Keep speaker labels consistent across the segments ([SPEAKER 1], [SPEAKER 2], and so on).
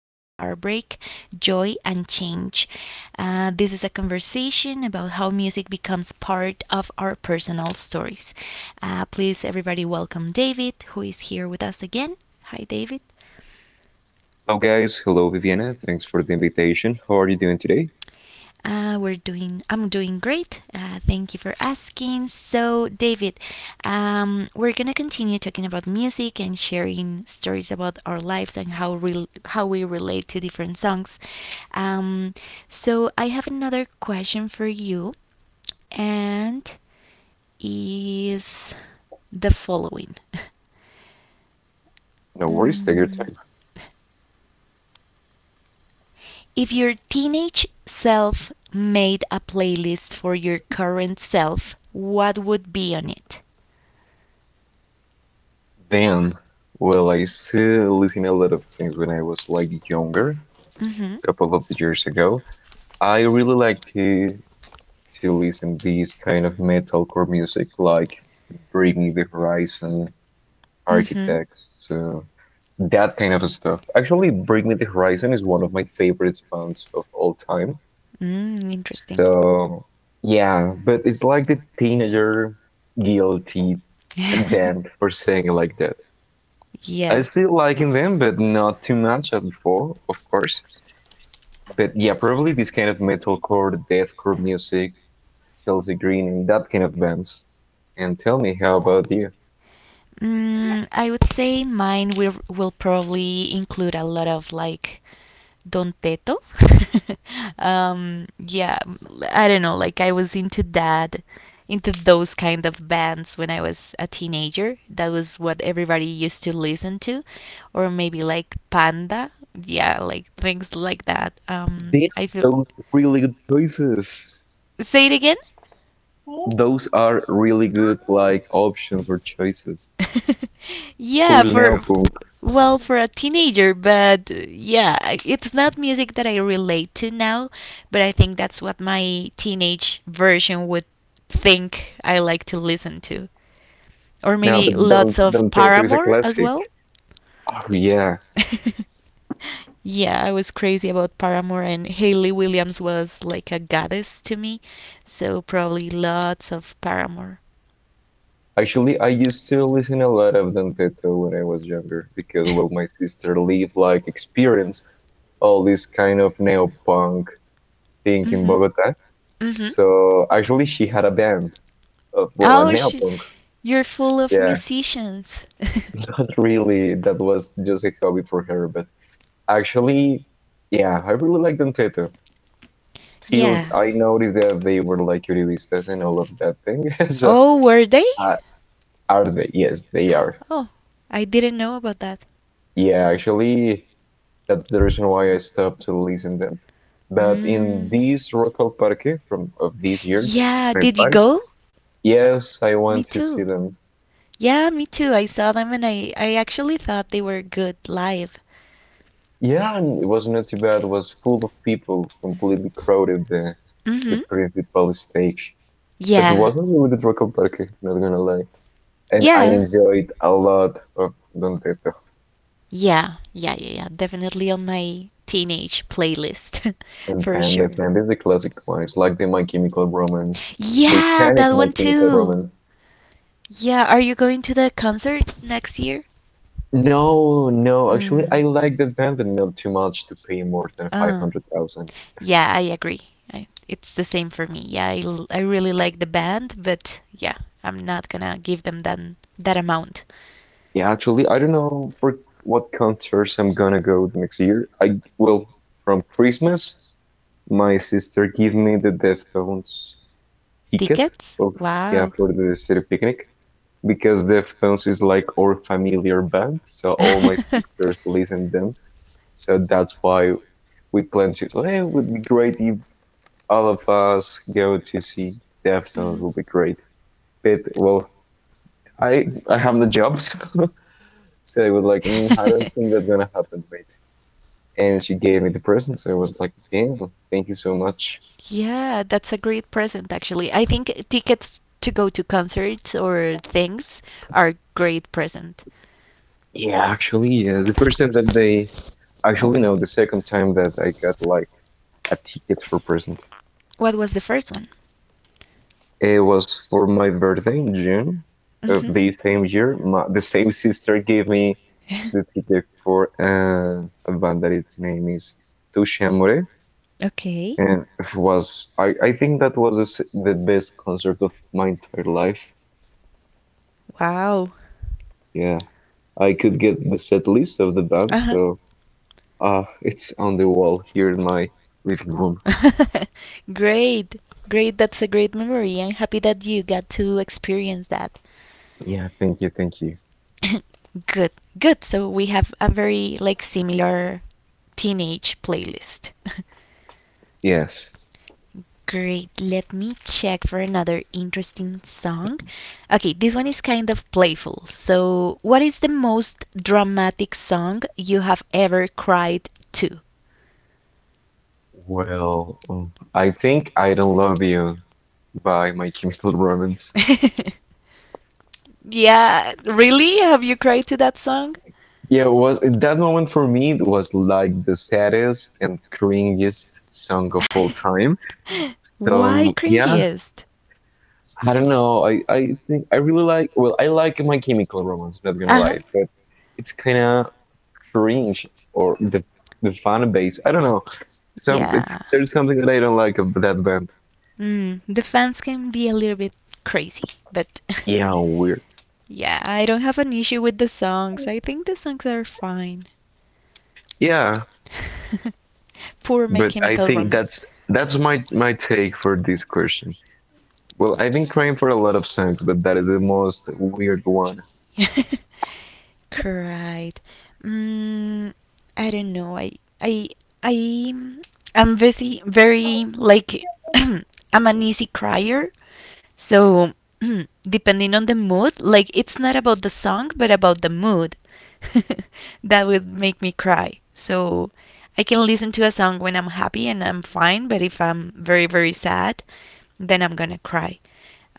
[SPEAKER 1] through heartbreak, joy, and change. This is a conversation about how music becomes part of our personal stories. Please, everybody, welcome David, who is here with us again. Hi, David.
[SPEAKER 2] Hello, guys. Hello, Viviana. Thanks for the invitation. How are you doing today?
[SPEAKER 1] We're doing. I'm doing great. Thank you for asking. So, David, we're gonna continue talking about music and sharing stories about our lives and how we relate to different songs. Um, so, I have another question for you, and is the following.
[SPEAKER 2] No worries. Take your
[SPEAKER 1] Mm,
[SPEAKER 2] time.
[SPEAKER 1] If your teenage self made a playlist for your current self, what would be on it?
[SPEAKER 2] Damn. Well, I still listen a lot of things when I was like younger,
[SPEAKER 1] Mm-hmm.
[SPEAKER 2] a couple of years ago. I really like to listen these kind of metalcore music, like Bring Me the Horizon,
[SPEAKER 1] Mm-hmm.
[SPEAKER 2] Architects, that kind of stuff. Actually, Bring Me the Horizon is one of my favorite bands of all time.
[SPEAKER 1] Mm, interesting.
[SPEAKER 2] So yeah, but it's like the teenager guilty them for saying like that. I
[SPEAKER 1] yeah.
[SPEAKER 2] still liking them, but not too much as before, of course. But yeah, probably this kind of metalcore, deathcore music, Chelsea Green, and that kind of bands. And tell me, how about you?
[SPEAKER 1] Mm, I would say mine will probably include a lot of like Don Teto. Yeah, I don't know. Like I was into that, into those kind of bands when I was a teenager. That was what everybody used to listen to, or maybe like Panda. Yeah, like things like that.
[SPEAKER 2] These
[SPEAKER 1] I feel.
[SPEAKER 2] those really good choices.
[SPEAKER 1] Say it again.
[SPEAKER 2] Those are really good like options or choices.
[SPEAKER 1] yeah,
[SPEAKER 2] Full
[SPEAKER 1] for
[SPEAKER 2] neopunk.
[SPEAKER 1] well, for a teenager, but yeah, it's not music that I relate to now, but I think that's what my teenage version would think I like to listen to. Or
[SPEAKER 2] No,
[SPEAKER 1] maybe
[SPEAKER 2] but
[SPEAKER 1] lots of
[SPEAKER 2] don't tattoo is a
[SPEAKER 1] Paramore as
[SPEAKER 2] classic.
[SPEAKER 1] well.
[SPEAKER 2] Oh yeah.
[SPEAKER 1] yeah, I was crazy about Paramore, and Hayley Williams was like a goddess to me, so probably lots of Paramore.
[SPEAKER 2] Actually, I used to listen a lot of Don Teto when I was younger because, well, my sister lived like experience all this kind of neopunk thing in
[SPEAKER 1] Mm-hmm.
[SPEAKER 2] Bogota.
[SPEAKER 1] Mm-hmm.
[SPEAKER 2] So actually, she had a band of, well, a
[SPEAKER 1] Oh, she,
[SPEAKER 2] neopunk.
[SPEAKER 1] you're full of
[SPEAKER 2] Yeah,
[SPEAKER 1] musicians.
[SPEAKER 2] not really. That was just a hobby for her. But actually, yeah, I really liked Don Teto till
[SPEAKER 1] yeah.
[SPEAKER 2] I noticed that they were like Uribistas and all of that thing. So,
[SPEAKER 1] Oh, were they?
[SPEAKER 2] uh, are they? Yes, they are.
[SPEAKER 1] Oh, I didn't know about that.
[SPEAKER 2] Yeah, actually, that's the reason why I stopped to listen them. But in
[SPEAKER 1] Mm.
[SPEAKER 2] this Rock Parque from of this year,
[SPEAKER 1] Yeah, did you
[SPEAKER 2] 25,
[SPEAKER 1] go?
[SPEAKER 2] yes, I
[SPEAKER 1] Me
[SPEAKER 2] went to
[SPEAKER 1] too.
[SPEAKER 2] see them.
[SPEAKER 1] Yeah, me too. I saw them and I actually thought they were good live.
[SPEAKER 2] Yeah, and it was not too bad. It was full of people, completely crowded the
[SPEAKER 1] Mm-hmm.
[SPEAKER 2] principal stage. But it
[SPEAKER 1] Yeah.
[SPEAKER 2] was a really good Rock Parque, not gonna lie. And I
[SPEAKER 1] Yeah,
[SPEAKER 2] enjoyed a lot of Don Teto
[SPEAKER 1] Yeah, yeah, yeah, yeah. Definitely on my teenage playlist
[SPEAKER 2] and
[SPEAKER 1] for
[SPEAKER 2] Panda.
[SPEAKER 1] sure.
[SPEAKER 2] Panda is the classic one. It's like the My Chemical Romance, the
[SPEAKER 1] Yeah,
[SPEAKER 2] Hispanic
[SPEAKER 1] that
[SPEAKER 2] My
[SPEAKER 1] one
[SPEAKER 2] Chemical
[SPEAKER 1] too.
[SPEAKER 2] Romance.
[SPEAKER 1] Yeah, are you going to the concert next year?
[SPEAKER 2] No, no, actually,
[SPEAKER 1] Mm.
[SPEAKER 2] I like that band, but not too much to pay more than
[SPEAKER 1] Uh.
[SPEAKER 2] 500,000.
[SPEAKER 1] Yeah, I agree. It's the same for me. Yeah, I really like the band, but yeah, I'm not gonna give them that amount.
[SPEAKER 2] Yeah, actually, I don't know for what concerts I'm gonna go the next year. I well, from Christmas, my sister gave me the Deftones ticket.
[SPEAKER 1] Tickets?
[SPEAKER 2] Well, yeah,
[SPEAKER 1] Wow.
[SPEAKER 2] for the city picnic because Deftones is like our familiar band, so all my sisters listen them. So that's why we plan to. Hey, it would be great if all of us go to see Deftones.
[SPEAKER 1] Mhm.
[SPEAKER 2] Would be great. Faith. Well, I have the job, so, so I was like, I don't think that's gonna happen, mate. And she gave me the present, so I was like, damn, thank you so much.
[SPEAKER 1] Yeah, that's a great present actually. I think tickets to go to concerts or things are great present.
[SPEAKER 2] Yeah, actually, yeah, the first time that they actually no, the second time that I got like a ticket for present.
[SPEAKER 1] What was the first one?
[SPEAKER 2] It was for my birthday in June of
[SPEAKER 1] Mhm.
[SPEAKER 2] the same year. The same sister gave me the ticket for uh, a band that its name is Touche Amore.
[SPEAKER 1] Okay.
[SPEAKER 2] And it was I think that was the best concert of my entire life.
[SPEAKER 1] Wow.
[SPEAKER 2] Yeah, I could get the set list of the band,
[SPEAKER 1] Uh-huh.
[SPEAKER 2] so it's on the wall here in my living room.
[SPEAKER 1] great. Great. That's a great memory. I'm happy that you got to experience that.
[SPEAKER 2] Yeah, thank you, thank you.
[SPEAKER 1] good, good. So we have a very like similar teenage playlist.
[SPEAKER 2] Yes.
[SPEAKER 1] Great, let me check for another interesting song. Okay, this one is kind of playful. So, what is the most dramatic song you have ever cried to?
[SPEAKER 2] Well, I think "I Don't Love You" by My Chemical Romance.
[SPEAKER 1] yeah, really? Have you cried to that song?
[SPEAKER 2] Yeah, it was at that moment for me it was like the saddest and cringiest song of all time.
[SPEAKER 1] Why
[SPEAKER 2] So yeah,
[SPEAKER 1] cringiest?
[SPEAKER 2] I don't know. I think I really like. Well, I like My Chemical Romance. I'm not gonna
[SPEAKER 1] Uh huh.
[SPEAKER 2] lie, but it's kind of cringe or the fan base. I don't know. Some it's
[SPEAKER 1] Yeah.
[SPEAKER 2] there's something that I don't like of that band.
[SPEAKER 1] Mm, the fans can be a little bit crazy, but
[SPEAKER 2] Yeah, weird.
[SPEAKER 1] yeah, I don't have an issue with the songs. I think the songs are fine.
[SPEAKER 2] Yeah,
[SPEAKER 1] Poor My
[SPEAKER 2] but I
[SPEAKER 1] Chemical
[SPEAKER 2] think
[SPEAKER 1] Romance.
[SPEAKER 2] that's my take for this question. Well, I've been crying for a lot of songs, but that is the most weird one.
[SPEAKER 1] Cried. Mm, I don't know. I I am very like I'm an easy crier. So depending on the mood, like it's not about the song but about the mood. that would make me cry. So I can listen to a song when I'm happy and I'm fine, but if I'm very sad, then I'm going to cry.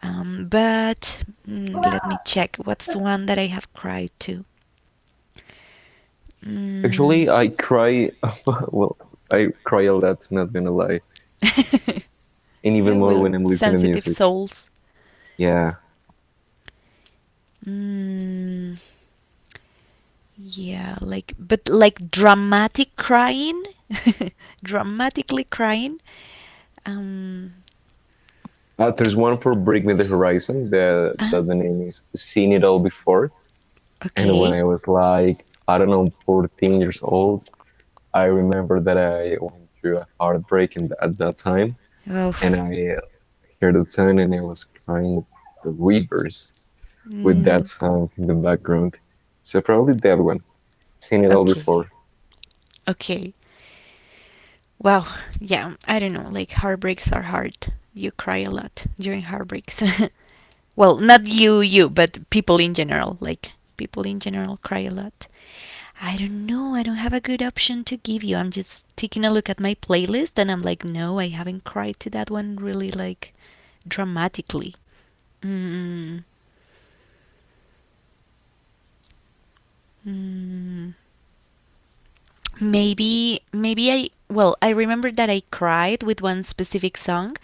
[SPEAKER 1] Let me check. What's the one that I have cried to? Mm.
[SPEAKER 2] Actually, I cry. Well, I cry a lot. Not gonna lie, and
[SPEAKER 1] yeah,
[SPEAKER 2] even more when
[SPEAKER 1] we're
[SPEAKER 2] I'm listening to
[SPEAKER 1] sensitive
[SPEAKER 2] music.
[SPEAKER 1] souls.
[SPEAKER 2] Yeah.
[SPEAKER 1] Mm, yeah, like, but like dramatic crying, dramatically crying. Um,
[SPEAKER 2] There's one for Bring Me the Horizon the,
[SPEAKER 1] uh-huh.
[SPEAKER 2] that the the name is "Seen It All Before." And when
[SPEAKER 1] Okay.
[SPEAKER 2] I was like, I don't know, 14 years old, I remember that I went through a heartbreak in, at that time.
[SPEAKER 1] Oh,
[SPEAKER 2] And I heard the song and I was crying the rivers with that
[SPEAKER 1] mm,
[SPEAKER 2] song in the background. So probably that one. "Seen It All
[SPEAKER 1] okay,
[SPEAKER 2] Before."
[SPEAKER 1] okay. Wow. Yeah, I don't know. Like heartbreaks are hard. You cry a lot during heartbreaks. well, not you, you, but people in general. Like people in general cry a lot. I don't know. I don't have a good option to give you. I'm just taking a look at my playlist and I'm like, no, I haven't cried to that one really like dramatically. Mm, mm, maybe, maybe I. Well, I remember that I cried with one specific song,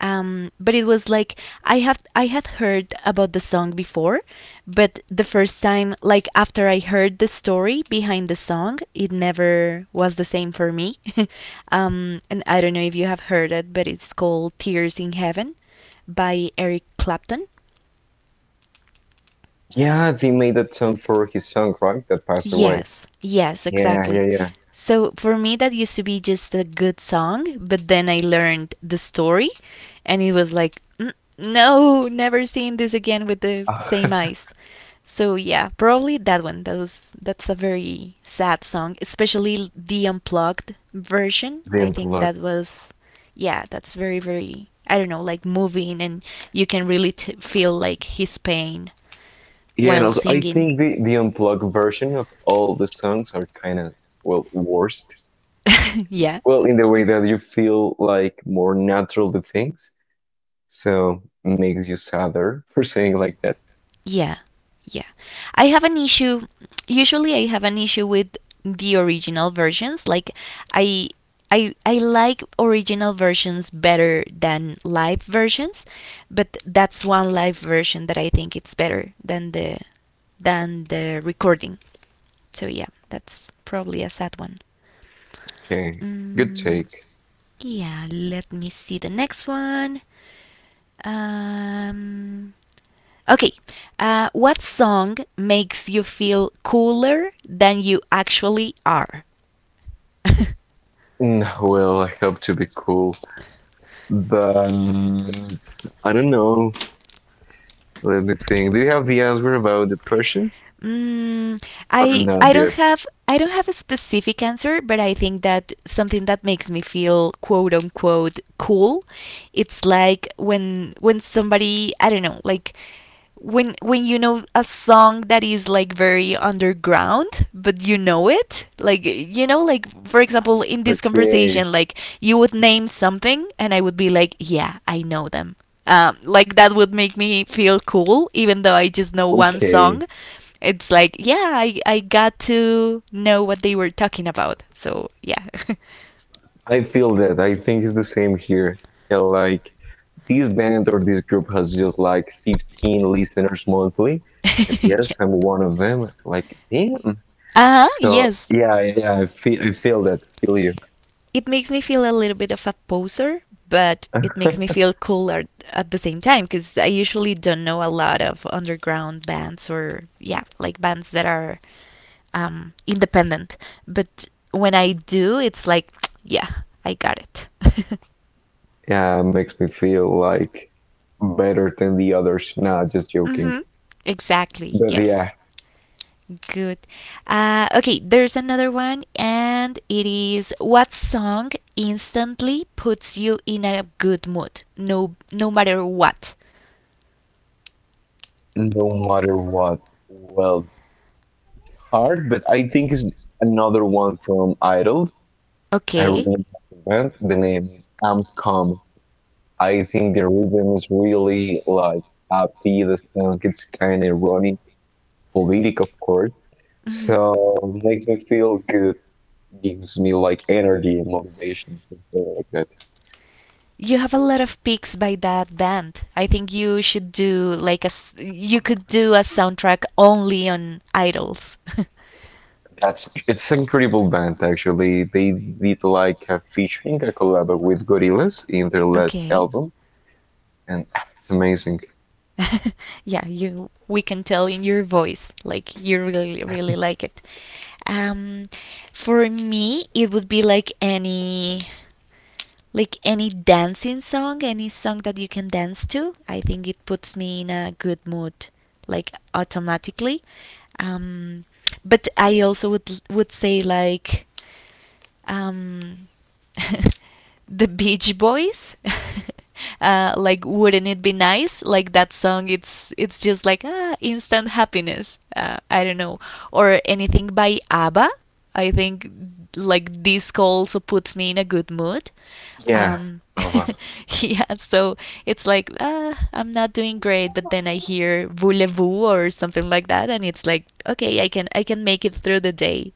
[SPEAKER 1] but it was like I had heard about the song before, but the first time, like after I heard the story behind the song, it never was the same for me. And I don't know if you have heard it, but it's called "Tears in Heaven" by Eric Clapton.
[SPEAKER 2] Yeah, they made that song for his song, right? That passed away.
[SPEAKER 1] Yes, yes,
[SPEAKER 2] Yeah,
[SPEAKER 1] exactly.
[SPEAKER 2] yeah,
[SPEAKER 1] So for me, that used to be just a good song, but then I learned the story, and it was like, "Mm, no, never seeing this again with the
[SPEAKER 2] yeah.
[SPEAKER 1] same eyes." So yeah, probably that one. That's a very sad song, especially the unplugged version. I
[SPEAKER 2] Didn't
[SPEAKER 1] think
[SPEAKER 2] look.
[SPEAKER 1] that was, yeah, that's very I don't know, like moving, and you can really feel like his pain
[SPEAKER 2] Yeah, and
[SPEAKER 1] while
[SPEAKER 2] also I
[SPEAKER 1] singing.
[SPEAKER 2] think the unplugged version of all the songs are kind of well worst.
[SPEAKER 1] yeah.
[SPEAKER 2] Well, in the way that you feel like more natural the things, so makes you sadder for saying like that.
[SPEAKER 1] Yeah, yeah. I have an issue. Usually, I have an issue with the original versions. I. I like original versions better than live versions, but that's one live version that I think it's better than the recording. So yeah, that's probably a sad one.
[SPEAKER 2] Okay, good
[SPEAKER 1] Mm,
[SPEAKER 2] take.
[SPEAKER 1] yeah, let me see the next one. Um, okay. What song makes you feel cooler than you actually are?
[SPEAKER 2] Well, I hope to be cool, but I don't know. Let me think. Do you have the answer about that question
[SPEAKER 1] Mm,
[SPEAKER 2] or not yet?
[SPEAKER 1] I don't have a specific answer, but I think that something that makes me feel quote unquote cool, it's like when somebody I don't know like when you know a song that is like very underground but you know it like you know like for example in this
[SPEAKER 2] Okay,
[SPEAKER 1] conversation like you would name something and I would be like yeah I know them like that would make me feel cool even though I just know one
[SPEAKER 2] okay.
[SPEAKER 1] song it's like, yeah, I got to know what they were talking about. So, yeah.
[SPEAKER 2] I feel that. I think it's the same here. Yeah, like this band or this group has just like 15 listeners monthly.
[SPEAKER 1] yeah.
[SPEAKER 2] Yes, I'm one of them. Like, damn.
[SPEAKER 1] Uh-huh,
[SPEAKER 2] So
[SPEAKER 1] yes.
[SPEAKER 2] yeah, yeah, I feel, that. Feel you.
[SPEAKER 1] It makes me feel a little bit of a poser, but it makes me feel cool at the same time because I usually don't know a lot of underground bands or, yeah, like bands that are independent. But when I do, it's like, yeah, I got it.
[SPEAKER 2] yeah, it makes me feel like better than the others. Nah, just joking.
[SPEAKER 1] mm-hmm. Exactly,
[SPEAKER 2] But yeah,
[SPEAKER 1] yes. Good. Okay, there's another one, and it is what song instantly puts you in a good mood, no matter what.
[SPEAKER 2] no matter what, well, hard. But I think it's another one from Idols. I
[SPEAKER 1] Okay.
[SPEAKER 2] remember the band. The name is Amscom. I think the rhythm is really like happy. The song it's kind of ironic, politic, of course.
[SPEAKER 1] Mhm.
[SPEAKER 2] So makes me feel good, gives me like energy and motivation and stuff like that.
[SPEAKER 1] You have a lot of picks by that band. I think you should do like you could do a soundtrack only on idols.
[SPEAKER 2] That's it's an incredible band actually. They did like a featuring a collab with Gorillaz in their last
[SPEAKER 1] okay.
[SPEAKER 2] album, and it's amazing.
[SPEAKER 1] yeah, you we can tell in your voice like you really like it. Um, for me, it would be like any dancing song, any song that you can dance to. I think it puts me in a good mood like automatically. Um, but I also would say like um, the Beach Boys. Like, wouldn't it be nice? Like that song, it's just like ah, instant happiness. I don't know, or anything by ABBA. I think like disco also puts me in a good mood.
[SPEAKER 2] Yeah.
[SPEAKER 1] Um,
[SPEAKER 2] Oh wow.
[SPEAKER 1] yeah, so it's like ah, I'm not doing great, but then I hear Voulez-vous or something like that, and it's like okay, I can make it through the day.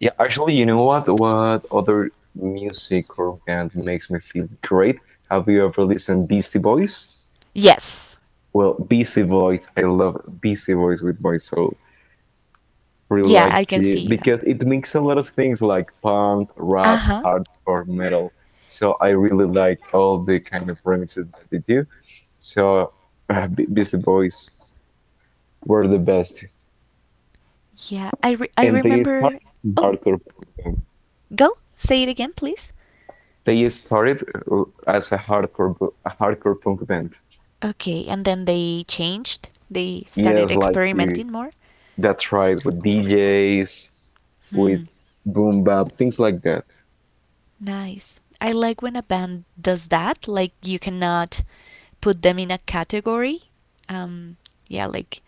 [SPEAKER 2] Yeah, actually, you know what? What other music or band makes me feel great? Have you ever listened Beastie Boys?
[SPEAKER 1] Yes,
[SPEAKER 2] Well, Beastie Boys. I love Beastie Boys with my soul. Really
[SPEAKER 1] yeah,
[SPEAKER 2] like
[SPEAKER 1] I can
[SPEAKER 2] it
[SPEAKER 1] see that.
[SPEAKER 2] because it makes a lot of things like punk,
[SPEAKER 1] Uh
[SPEAKER 2] rap,
[SPEAKER 1] huh.
[SPEAKER 2] hardcore, metal. So I really like all the kind of remixes that they do. So Beastie Boys were the best,
[SPEAKER 1] Yeah, I
[SPEAKER 2] and they
[SPEAKER 1] remember.
[SPEAKER 2] started
[SPEAKER 1] Oh,
[SPEAKER 2] hardcore punk band.
[SPEAKER 1] go say it again, please.
[SPEAKER 2] They started as a hardcore punk band.
[SPEAKER 1] Okay, and then they changed. They started
[SPEAKER 2] Yes, like you.
[SPEAKER 1] experimenting more.
[SPEAKER 2] That's right, with DJs, with
[SPEAKER 1] Hmm.
[SPEAKER 2] boom bap, things like that.
[SPEAKER 1] Nice. I like when a band does that. Like you cannot put them in a category. Um, yeah, like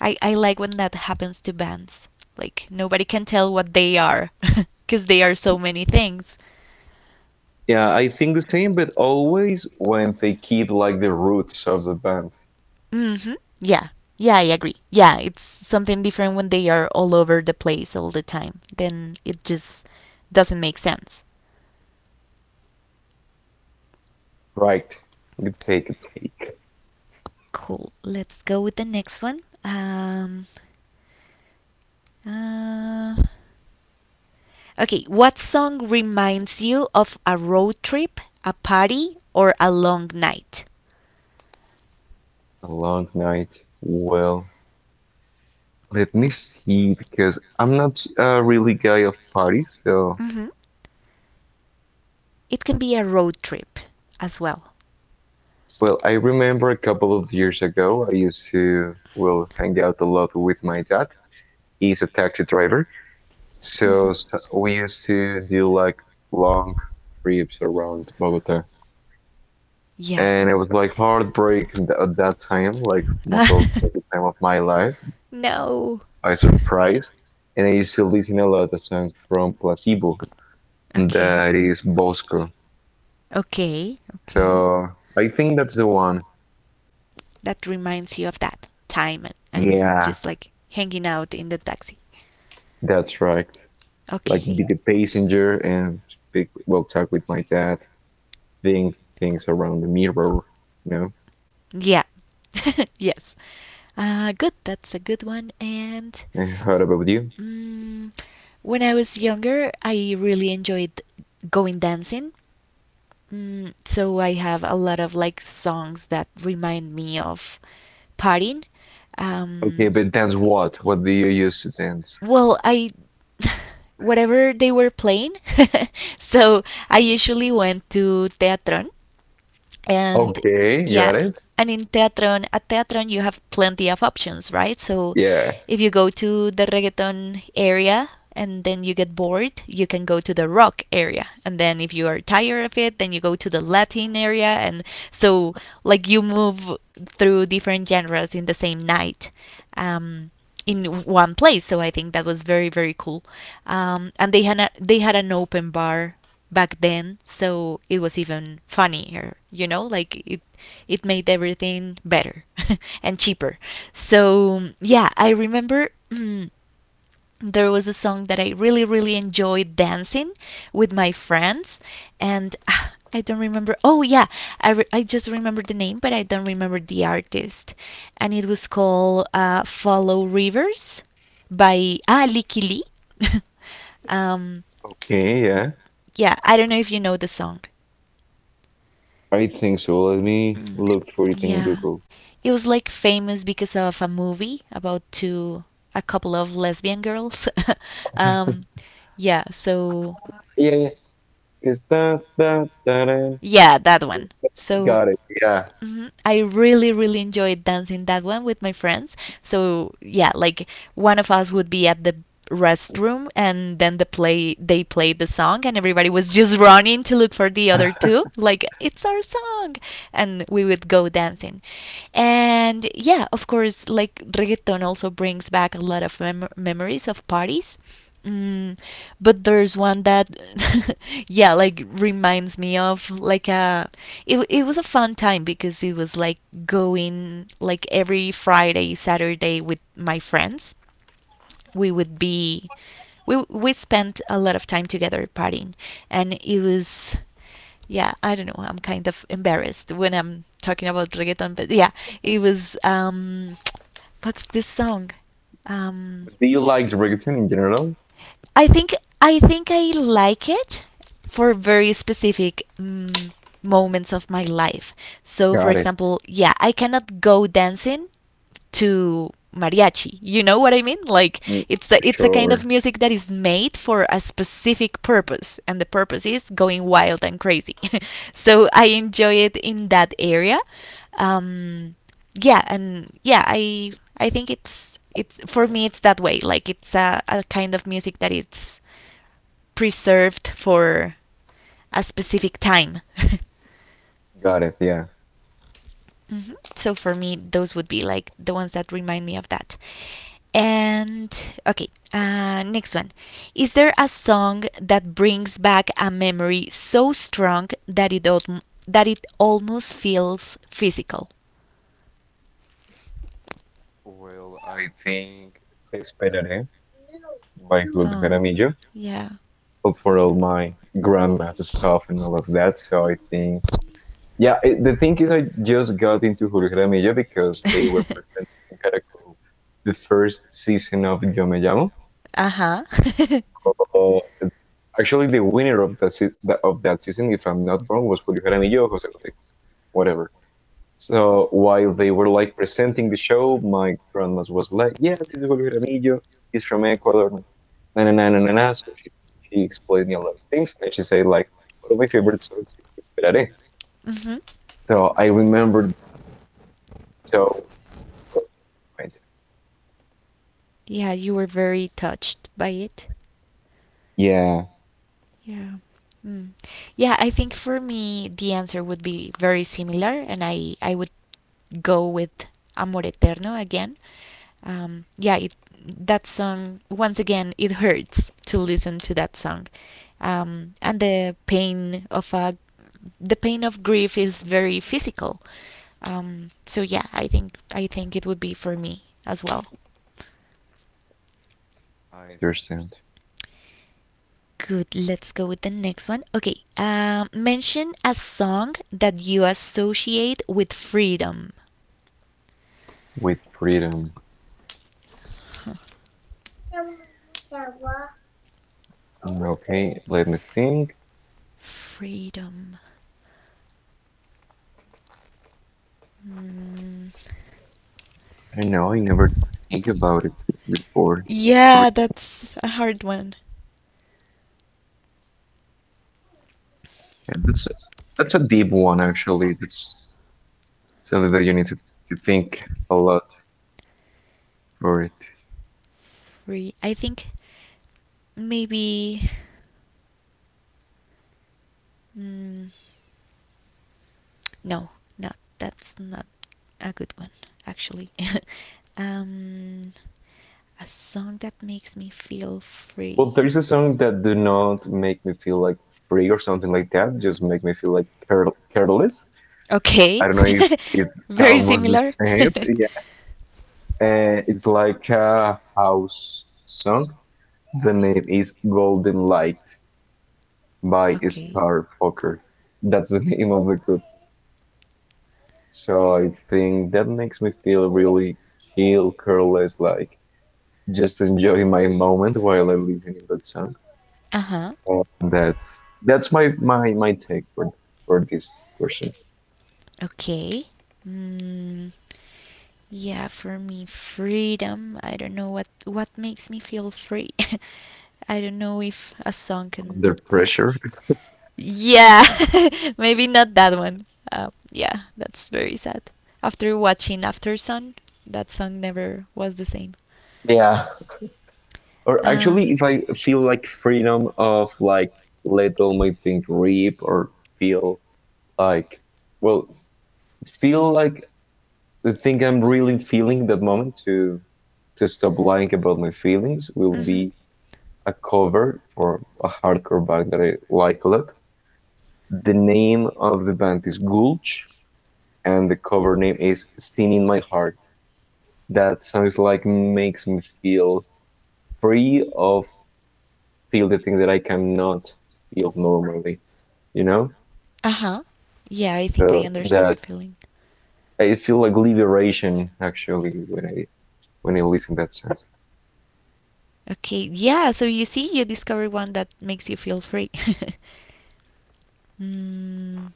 [SPEAKER 1] I like when that happens to bands. Like nobody can tell what they are because they are so many things.
[SPEAKER 2] Yeah, I think the same, but always when they keep like the roots of the band.
[SPEAKER 1] Mhm. Yeah. Yeah, I agree. Yeah, it's something different when they are all over the place all the time. Then it just doesn't make sense.
[SPEAKER 2] Right. Good take, good take.
[SPEAKER 1] Cool. Let's go with the next one. Uh, Okay, what song reminds you of a road trip, a party, or a long night?
[SPEAKER 2] A long night. Well, let me see because I'm not a really guy of parties. So,
[SPEAKER 1] Hmm. It can be a road trip as well.
[SPEAKER 2] well, I remember a couple of years ago, I used to, well, hang out a lot with my dad. He's a taxi driver. So,
[SPEAKER 1] Hmm.
[SPEAKER 2] s we used to do like long trips around Bogota,
[SPEAKER 1] Yeah.
[SPEAKER 2] and it was like heartbreak in at that time, like most of the time of my life.
[SPEAKER 1] no.
[SPEAKER 2] I surprised, and I used to listen a lot a song from Placebo
[SPEAKER 1] Okay.
[SPEAKER 2] that is "Bosco."
[SPEAKER 1] Okay. Okay.
[SPEAKER 2] So I think that's the one.
[SPEAKER 1] That reminds you of that time and
[SPEAKER 2] Yeah,
[SPEAKER 1] just like hanging out in the taxi.
[SPEAKER 2] that's right. Like
[SPEAKER 1] Okay.
[SPEAKER 2] be the passenger and speak, well, talk with my dad, think things around the mirror, you know.
[SPEAKER 1] Yeah. yes. Good. That's a good one. And
[SPEAKER 2] What about you?
[SPEAKER 1] mm, when I was younger, I really enjoyed going dancing. Mm, so I have a lot of like songs that remind me of partying.
[SPEAKER 2] Okay,
[SPEAKER 1] Um,
[SPEAKER 2] but dance what? What do you use to dance?
[SPEAKER 1] Well, I whatever they were playing. so I usually went to Teatron and
[SPEAKER 2] Okay, got
[SPEAKER 1] yeah
[SPEAKER 2] it.
[SPEAKER 1] and at Teatron, you have plenty of options, right? So
[SPEAKER 2] Yeah.
[SPEAKER 1] if you go to the reggaeton area and then you get bored, you can go to the rock area. And then if you are tired of it, then you go to the Latin area. And so, like, you move through different genres in the same night. Um, in one place, so I think that was very cool. And they had they had an open bar back then, so it was even funnier. Like it made everything better and cheaper. So yeah, I remember there was a song that I really enjoyed dancing with my friends. And I don't remember. Oh yeah, I just remember the name, but I don't remember the artist. And it was called "Follow Rivers" by Licky Lee. um
[SPEAKER 2] Okay, yeah.
[SPEAKER 1] yeah, I don't know if you know the song.
[SPEAKER 2] I think so. Let me
[SPEAKER 1] Mm.
[SPEAKER 2] look for it in
[SPEAKER 1] Yeah.
[SPEAKER 2] Google.
[SPEAKER 1] It was like famous because of a movie about two a couple of lesbian girls.
[SPEAKER 2] Okay.
[SPEAKER 1] um yeah, so
[SPEAKER 2] Yeah, yeah. It's da, da, da, da.
[SPEAKER 1] yeah, that one. So
[SPEAKER 2] Got it. Yeah.
[SPEAKER 1] mhm, I really, really enjoyed dancing that one with my friends. So yeah, like one of us would be at the restroom, and then they played the song and everybody was just running to look for the other two like it's our song, and we would go dancing. And yeah, of course, like reggaeton also brings back a lot of memories of parties. Mm, but there's one that yeah, like reminds me of like a. It was a fun time because it was like going like every Friday, Saturday with my friends. We would be, we spent a lot of time together partying, and it was yeah, I don't know. I'm kind of embarrassed when I'm talking about reggaeton, but yeah, it was what's this song? Um,
[SPEAKER 2] Do you like reggaeton in general?
[SPEAKER 1] I think I like it for very specific moments of my life. So, for
[SPEAKER 2] Got it.
[SPEAKER 1] example, yeah, I cannot go dancing to mariachi. You know what I mean? Like
[SPEAKER 2] Mm,
[SPEAKER 1] it's a kind of
[SPEAKER 2] sure.
[SPEAKER 1] music that is made for a specific purpose, and the purpose is going wild and crazy. So I enjoy it in that area. Um, yeah, and yeah, I think it's for me it's that way. Like it's a kind of music that it's preserved for a specific time.
[SPEAKER 2] Got it, yeah.
[SPEAKER 1] Mhm. So for me, those would be like the ones that remind me of that. And okay, next one. Is there a song that brings back a memory so strong that that it almost feels physical?
[SPEAKER 2] Well, I think "Te Esperaré" by Julio
[SPEAKER 1] Oh,
[SPEAKER 2] Jaramillo.
[SPEAKER 1] yeah.
[SPEAKER 2] But for all my grandma's stuff and all of that, so I think yeah, the thing is, I just got into Jorge Media because they were presenting in Caracol the first season of Yo Me Llamo.
[SPEAKER 1] Uh huh.
[SPEAKER 2] Uh, actually, the winner of that of that season, if I'm not wrong, was Julio Jaramillo or Jose Jose, whatever. So while they were like presenting the show, my grandma was like, "Yeah, this is Julio Jaramillo. He's from Ecuador." Na na na na na. Na." So she explained me a lot of things, and she said like, "One of my favorite songs is Esperaré."
[SPEAKER 1] Hmm.
[SPEAKER 2] So I remembered so.
[SPEAKER 1] Yeah, you were very touched by it.
[SPEAKER 2] Yeah,
[SPEAKER 1] Yeah. Mm. Yeah, I think for me the answer would be very similar, and I would go with Amor Eterno again. Yeah, that song, once again, it hurts to listen to that song, and the pain of a the pain of grief is very physical. So yeah, I think it would be for me as well.
[SPEAKER 2] I understand.
[SPEAKER 1] Good. Let's go with the next one. Okay. Mention a song that you associate with freedom.
[SPEAKER 2] With freedom.
[SPEAKER 1] Huh.
[SPEAKER 2] Okay, let me think.
[SPEAKER 1] Freedom. Mm.
[SPEAKER 2] I don't know, I never think about it before. Free-
[SPEAKER 1] Yeah, that's a hard one.
[SPEAKER 2] yeah, that's a deep one actually. That's something that you need to think a lot for it.
[SPEAKER 1] Free. I think maybe. Mm, no, no, that's not a good one, actually. um, a song that makes me feel free.
[SPEAKER 2] Well, there is a song that do not make me feel like free or something like that, just make me feel like careless.
[SPEAKER 1] Okay.
[SPEAKER 2] I don't know if it's
[SPEAKER 1] Very
[SPEAKER 2] almost the
[SPEAKER 1] similar.
[SPEAKER 2] same. Yeah. It's like a house song. The name is "Golden Light" by
[SPEAKER 1] Okay.
[SPEAKER 2] Starfucker. That's the name of the group. So I think that makes me feel really chill, careless, like just enjoying my moment while I'm listening to that song.
[SPEAKER 1] Uh-huh.
[SPEAKER 2] Uh, That's that's my take for this question.
[SPEAKER 1] Okay. Mm, yeah, for me, freedom. I don't know what makes me feel free. I don't know if a song can.
[SPEAKER 2] Under
[SPEAKER 1] Well,
[SPEAKER 2] pressure.
[SPEAKER 1] yeah, maybe not that one. Yeah, that's very sad. After watching "After Sun," that song never was the same.
[SPEAKER 2] Yeah. Or
[SPEAKER 1] Uh.
[SPEAKER 2] actually, if I feel like freedom of like let all my things rip or feel like well feel like the thing I'm really feeling that moment to stop lying about my feelings will
[SPEAKER 1] Mm-hmm.
[SPEAKER 2] be a cover for a hardcore band that I like a lot. The name of the band is Gulch, and the cover name is "Spin in My Heart." That sounds like makes me feel free of feel the thing that I cannot feel normally, you know?
[SPEAKER 1] Uh-huh. Yeah, I think I
[SPEAKER 2] So
[SPEAKER 1] understand the
[SPEAKER 2] that
[SPEAKER 1] feeling.
[SPEAKER 2] I feel like liberation actually when I listen to that song.
[SPEAKER 1] Okay. Yeah, so you see, you discover one that makes you feel free. Mm,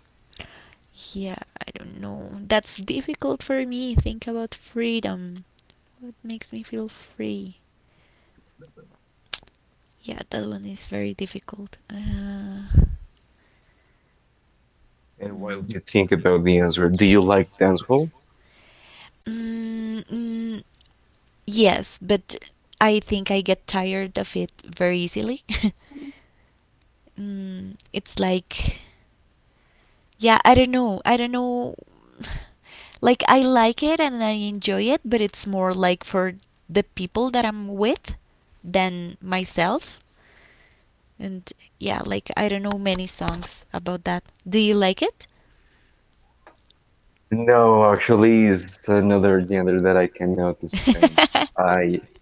[SPEAKER 1] yeah, I don't know. That's difficult for me. Think about freedom. What makes me feel free? Yeah, that one is very difficult.
[SPEAKER 2] And while
[SPEAKER 1] Mm,
[SPEAKER 2] you think about the answer, do you like dancehall?
[SPEAKER 1] mm, yes, but I think I get tired of it very easily. Mm, it's like, yeah, I don't know. I don't know. Like, I like it and I enjoy it, but it's more like for the people that I'm with than myself. And yeah, like, I don't know many songs about that. Do you like it?
[SPEAKER 2] No, actually, it's another genre that I cannot stand. I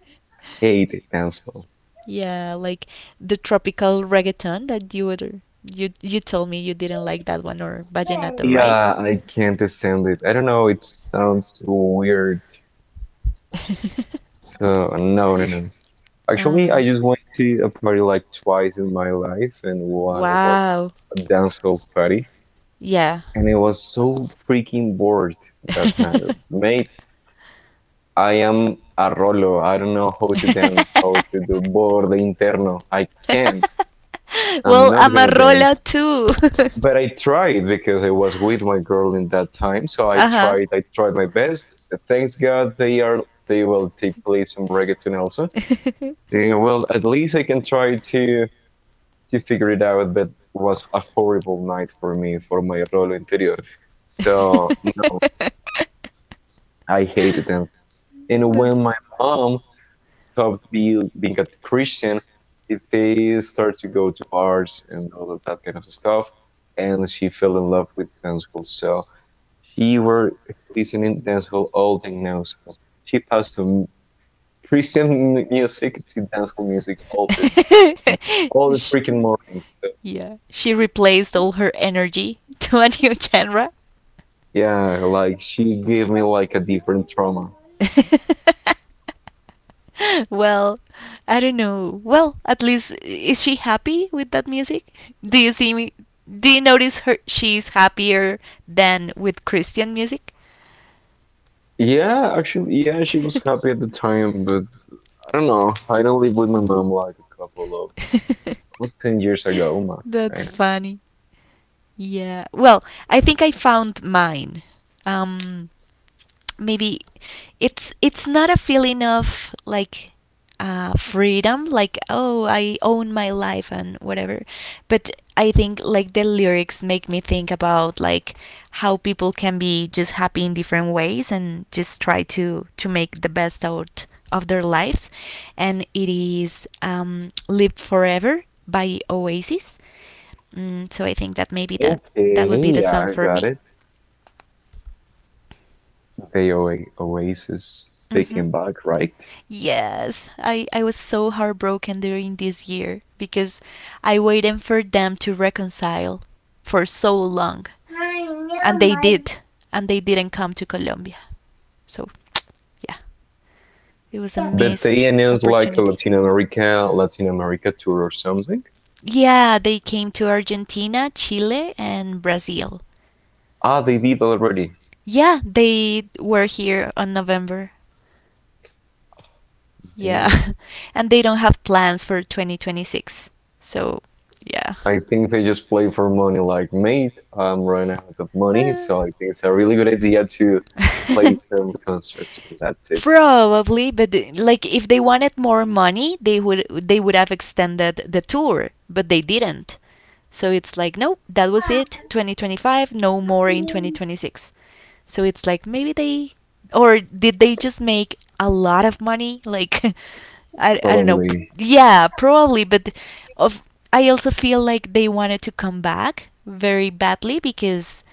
[SPEAKER 2] hate dancehall.
[SPEAKER 1] Yeah, like the tropical reggaeton that you told me you didn't like that one, or vallenato, right?
[SPEAKER 2] Yeah, I can't stand it. I don't know, it sounds too weird. So, no, no, no. Actually,
[SPEAKER 1] Uh,
[SPEAKER 2] I just went to a party like twice in my life, and one was
[SPEAKER 1] wow.
[SPEAKER 2] a dancehall party,
[SPEAKER 1] Yeah.
[SPEAKER 2] and it was so freaking bored that night. Mate, I am a rolo. I don't know how to dance, how to do borde interno. I can't. I'm
[SPEAKER 1] Well,
[SPEAKER 2] not gonna dance.
[SPEAKER 1] Amarola too.
[SPEAKER 2] But I tried because I was with my girl in that time. So I
[SPEAKER 1] Uh huh.
[SPEAKER 2] tried. I tried my best. Thanks God they are. They will take place some reggaeton also. Yeah, well, at least I can try to figure it out. But was a horrible night for me for my rolo interior. So no, I hated them. And
[SPEAKER 1] That's
[SPEAKER 2] when my mom stop being a Christian if they start to go to bars and all of that kind of stuff. And she fell in love with dancehall, so she were listening dancehall all day now. So she passed from Christian music to dancehall music all the time, all the
[SPEAKER 1] Sh-
[SPEAKER 2] freaking mornings. So,
[SPEAKER 1] yeah, she replaced all her energy to a new genre.
[SPEAKER 2] yeah, like she gave me like a different trauma.
[SPEAKER 1] Well, I don't know. Well, at least is she happy with that music? Do you see me? Do you notice her? She's happier than with Christian music.
[SPEAKER 2] Yeah, actually, yeah, she was happy at the time, but I don't know. I don't live with my mom like a couple almost 10 years ago. My,
[SPEAKER 1] That's
[SPEAKER 2] God.
[SPEAKER 1] funny. Yeah. Well, I think I found mine. Um, maybe it's not a feeling of like freedom, like oh I own my life and whatever, but I think like the lyrics make me think about like how people can be just happy in different ways and just try to make the best out of their lives, and it is "Live Forever" by Oasis. Mm, so I think that maybe that that
[SPEAKER 2] Okay,
[SPEAKER 1] would be the
[SPEAKER 2] yeah,
[SPEAKER 1] song
[SPEAKER 2] I
[SPEAKER 1] for
[SPEAKER 2] got
[SPEAKER 1] me.
[SPEAKER 2] it. The Oasis
[SPEAKER 1] Hmm.
[SPEAKER 2] Taking Back, right?
[SPEAKER 1] Yes, I was so heartbroken during this year because I waited for them to reconcile for so long. And they did, and they didn't come to Colombia. So, yeah, it was a
[SPEAKER 2] But they
[SPEAKER 1] missed
[SPEAKER 2] announced like a
[SPEAKER 1] opportunity.
[SPEAKER 2] Latin America tour or something.
[SPEAKER 1] Yeah, they came to Argentina, Chile, and Brazil.
[SPEAKER 2] They did already.
[SPEAKER 1] Yeah, they were here on November. Yeah.
[SPEAKER 2] Damn.
[SPEAKER 1] And they don't have plans for 2026. So, yeah.
[SPEAKER 2] I think they just play for money. Like, mate, I'm running out of money,
[SPEAKER 1] Uh.
[SPEAKER 2] so I think it's a really good idea to play some concerts. That's it.
[SPEAKER 1] Probably, but like if they wanted more money, they would have extended the tour, but they didn't. So it's like, nope, that was it. 2025, no more in 2026. So it's like maybe they or did they just make a lot of money? Like I don't know.
[SPEAKER 2] Probably
[SPEAKER 1] Yeah, probably, but of I also feel like they wanted to come back very badly because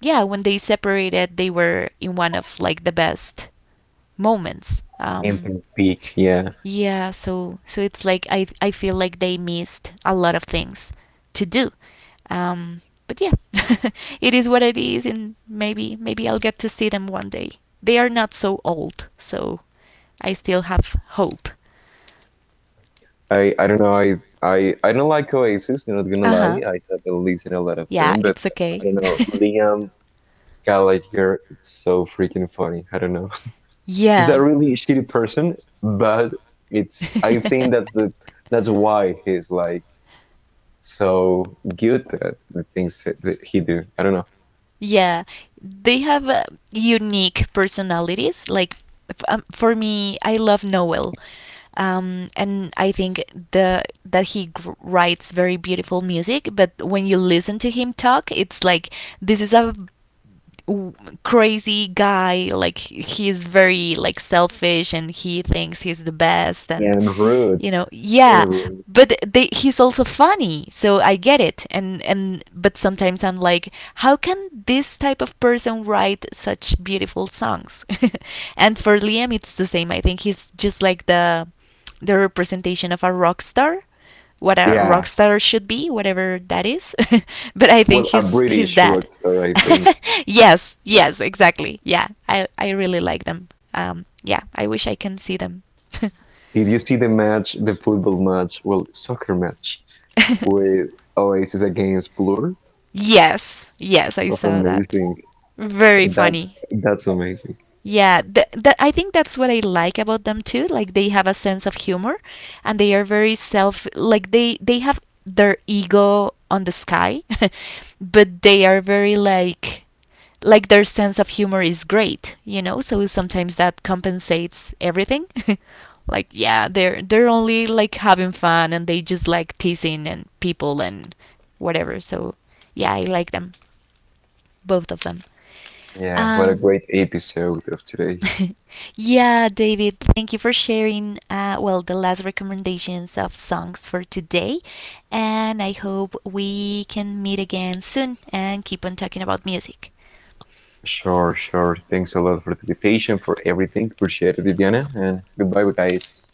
[SPEAKER 1] yeah, when they separated, they were in one of like the best moments.
[SPEAKER 2] in the peak, yeah.
[SPEAKER 1] Yeah, so so it's like I feel like they missed a lot of things to do. Um, but yeah, it is what it is, and maybe I'll get to see them one day. They are not so old, so I still have hope.
[SPEAKER 2] I don't know. I don't like Oasis. Not gonna
[SPEAKER 1] Uh
[SPEAKER 2] lie.
[SPEAKER 1] huh.
[SPEAKER 2] I haven't listened to a lot of
[SPEAKER 1] Yeah,
[SPEAKER 2] them, but
[SPEAKER 1] it's
[SPEAKER 2] I
[SPEAKER 1] okay.
[SPEAKER 2] don't know. Liam Gallagher, it's so freaking funny. I don't know. He's
[SPEAKER 1] Yeah.
[SPEAKER 2] a really shitty person, but it's. I think that's the that's why he's like so good at the things that he do. I don't know.
[SPEAKER 1] Yeah, they have unique personalities. Like for me, I love Noel, and I think the that writes very beautiful music. But when you listen to him talk, it's like this is a w- crazy guy. Like he is very like selfish, and he thinks he's the best. And
[SPEAKER 2] And rude.
[SPEAKER 1] you know, yeah,
[SPEAKER 2] And rude.
[SPEAKER 1] he's also funny, so I get it. And But sometimes I'm like, how can this type of person write such beautiful songs? And for Liam it's the same. I think he's just like the representation of a rock star, what a
[SPEAKER 2] Yeah.
[SPEAKER 1] rock star should be, whatever that is. But I think
[SPEAKER 2] Well, a
[SPEAKER 1] he's
[SPEAKER 2] British
[SPEAKER 1] that.
[SPEAKER 2] rock star, I think.
[SPEAKER 1] Yes, yes, exactly. Yeah, I really like them. Yeah, I wish I can see them.
[SPEAKER 2] Did you see the match, the football match? Well, soccer match with Oasis against Blur
[SPEAKER 1] Yes, yes, I
[SPEAKER 2] was
[SPEAKER 1] saw that.
[SPEAKER 2] amazing. So
[SPEAKER 1] Very
[SPEAKER 2] that
[SPEAKER 1] funny.
[SPEAKER 2] that's amazing.
[SPEAKER 1] Yeah, that, I think that's what I like about them too. Like they have a sense of humor, and they are very self. Like they have their ego on the sky, but they are very like their sense of humor is great. You know, so sometimes that compensates everything. Like yeah, they're only like having fun, and they just like teasing and people and whatever. So yeah, I like them, both of them.
[SPEAKER 2] Yeah, what a
[SPEAKER 1] Um,
[SPEAKER 2] great episode of today.
[SPEAKER 1] yeah, David, thank you for sharing, well, the last recommendations of songs for today. And I hope we can meet again soon and keep on talking about music.
[SPEAKER 2] Sure, sure. Thanks a lot for the invitation, for everything. Appreciate it, Diana, and goodbye, guys.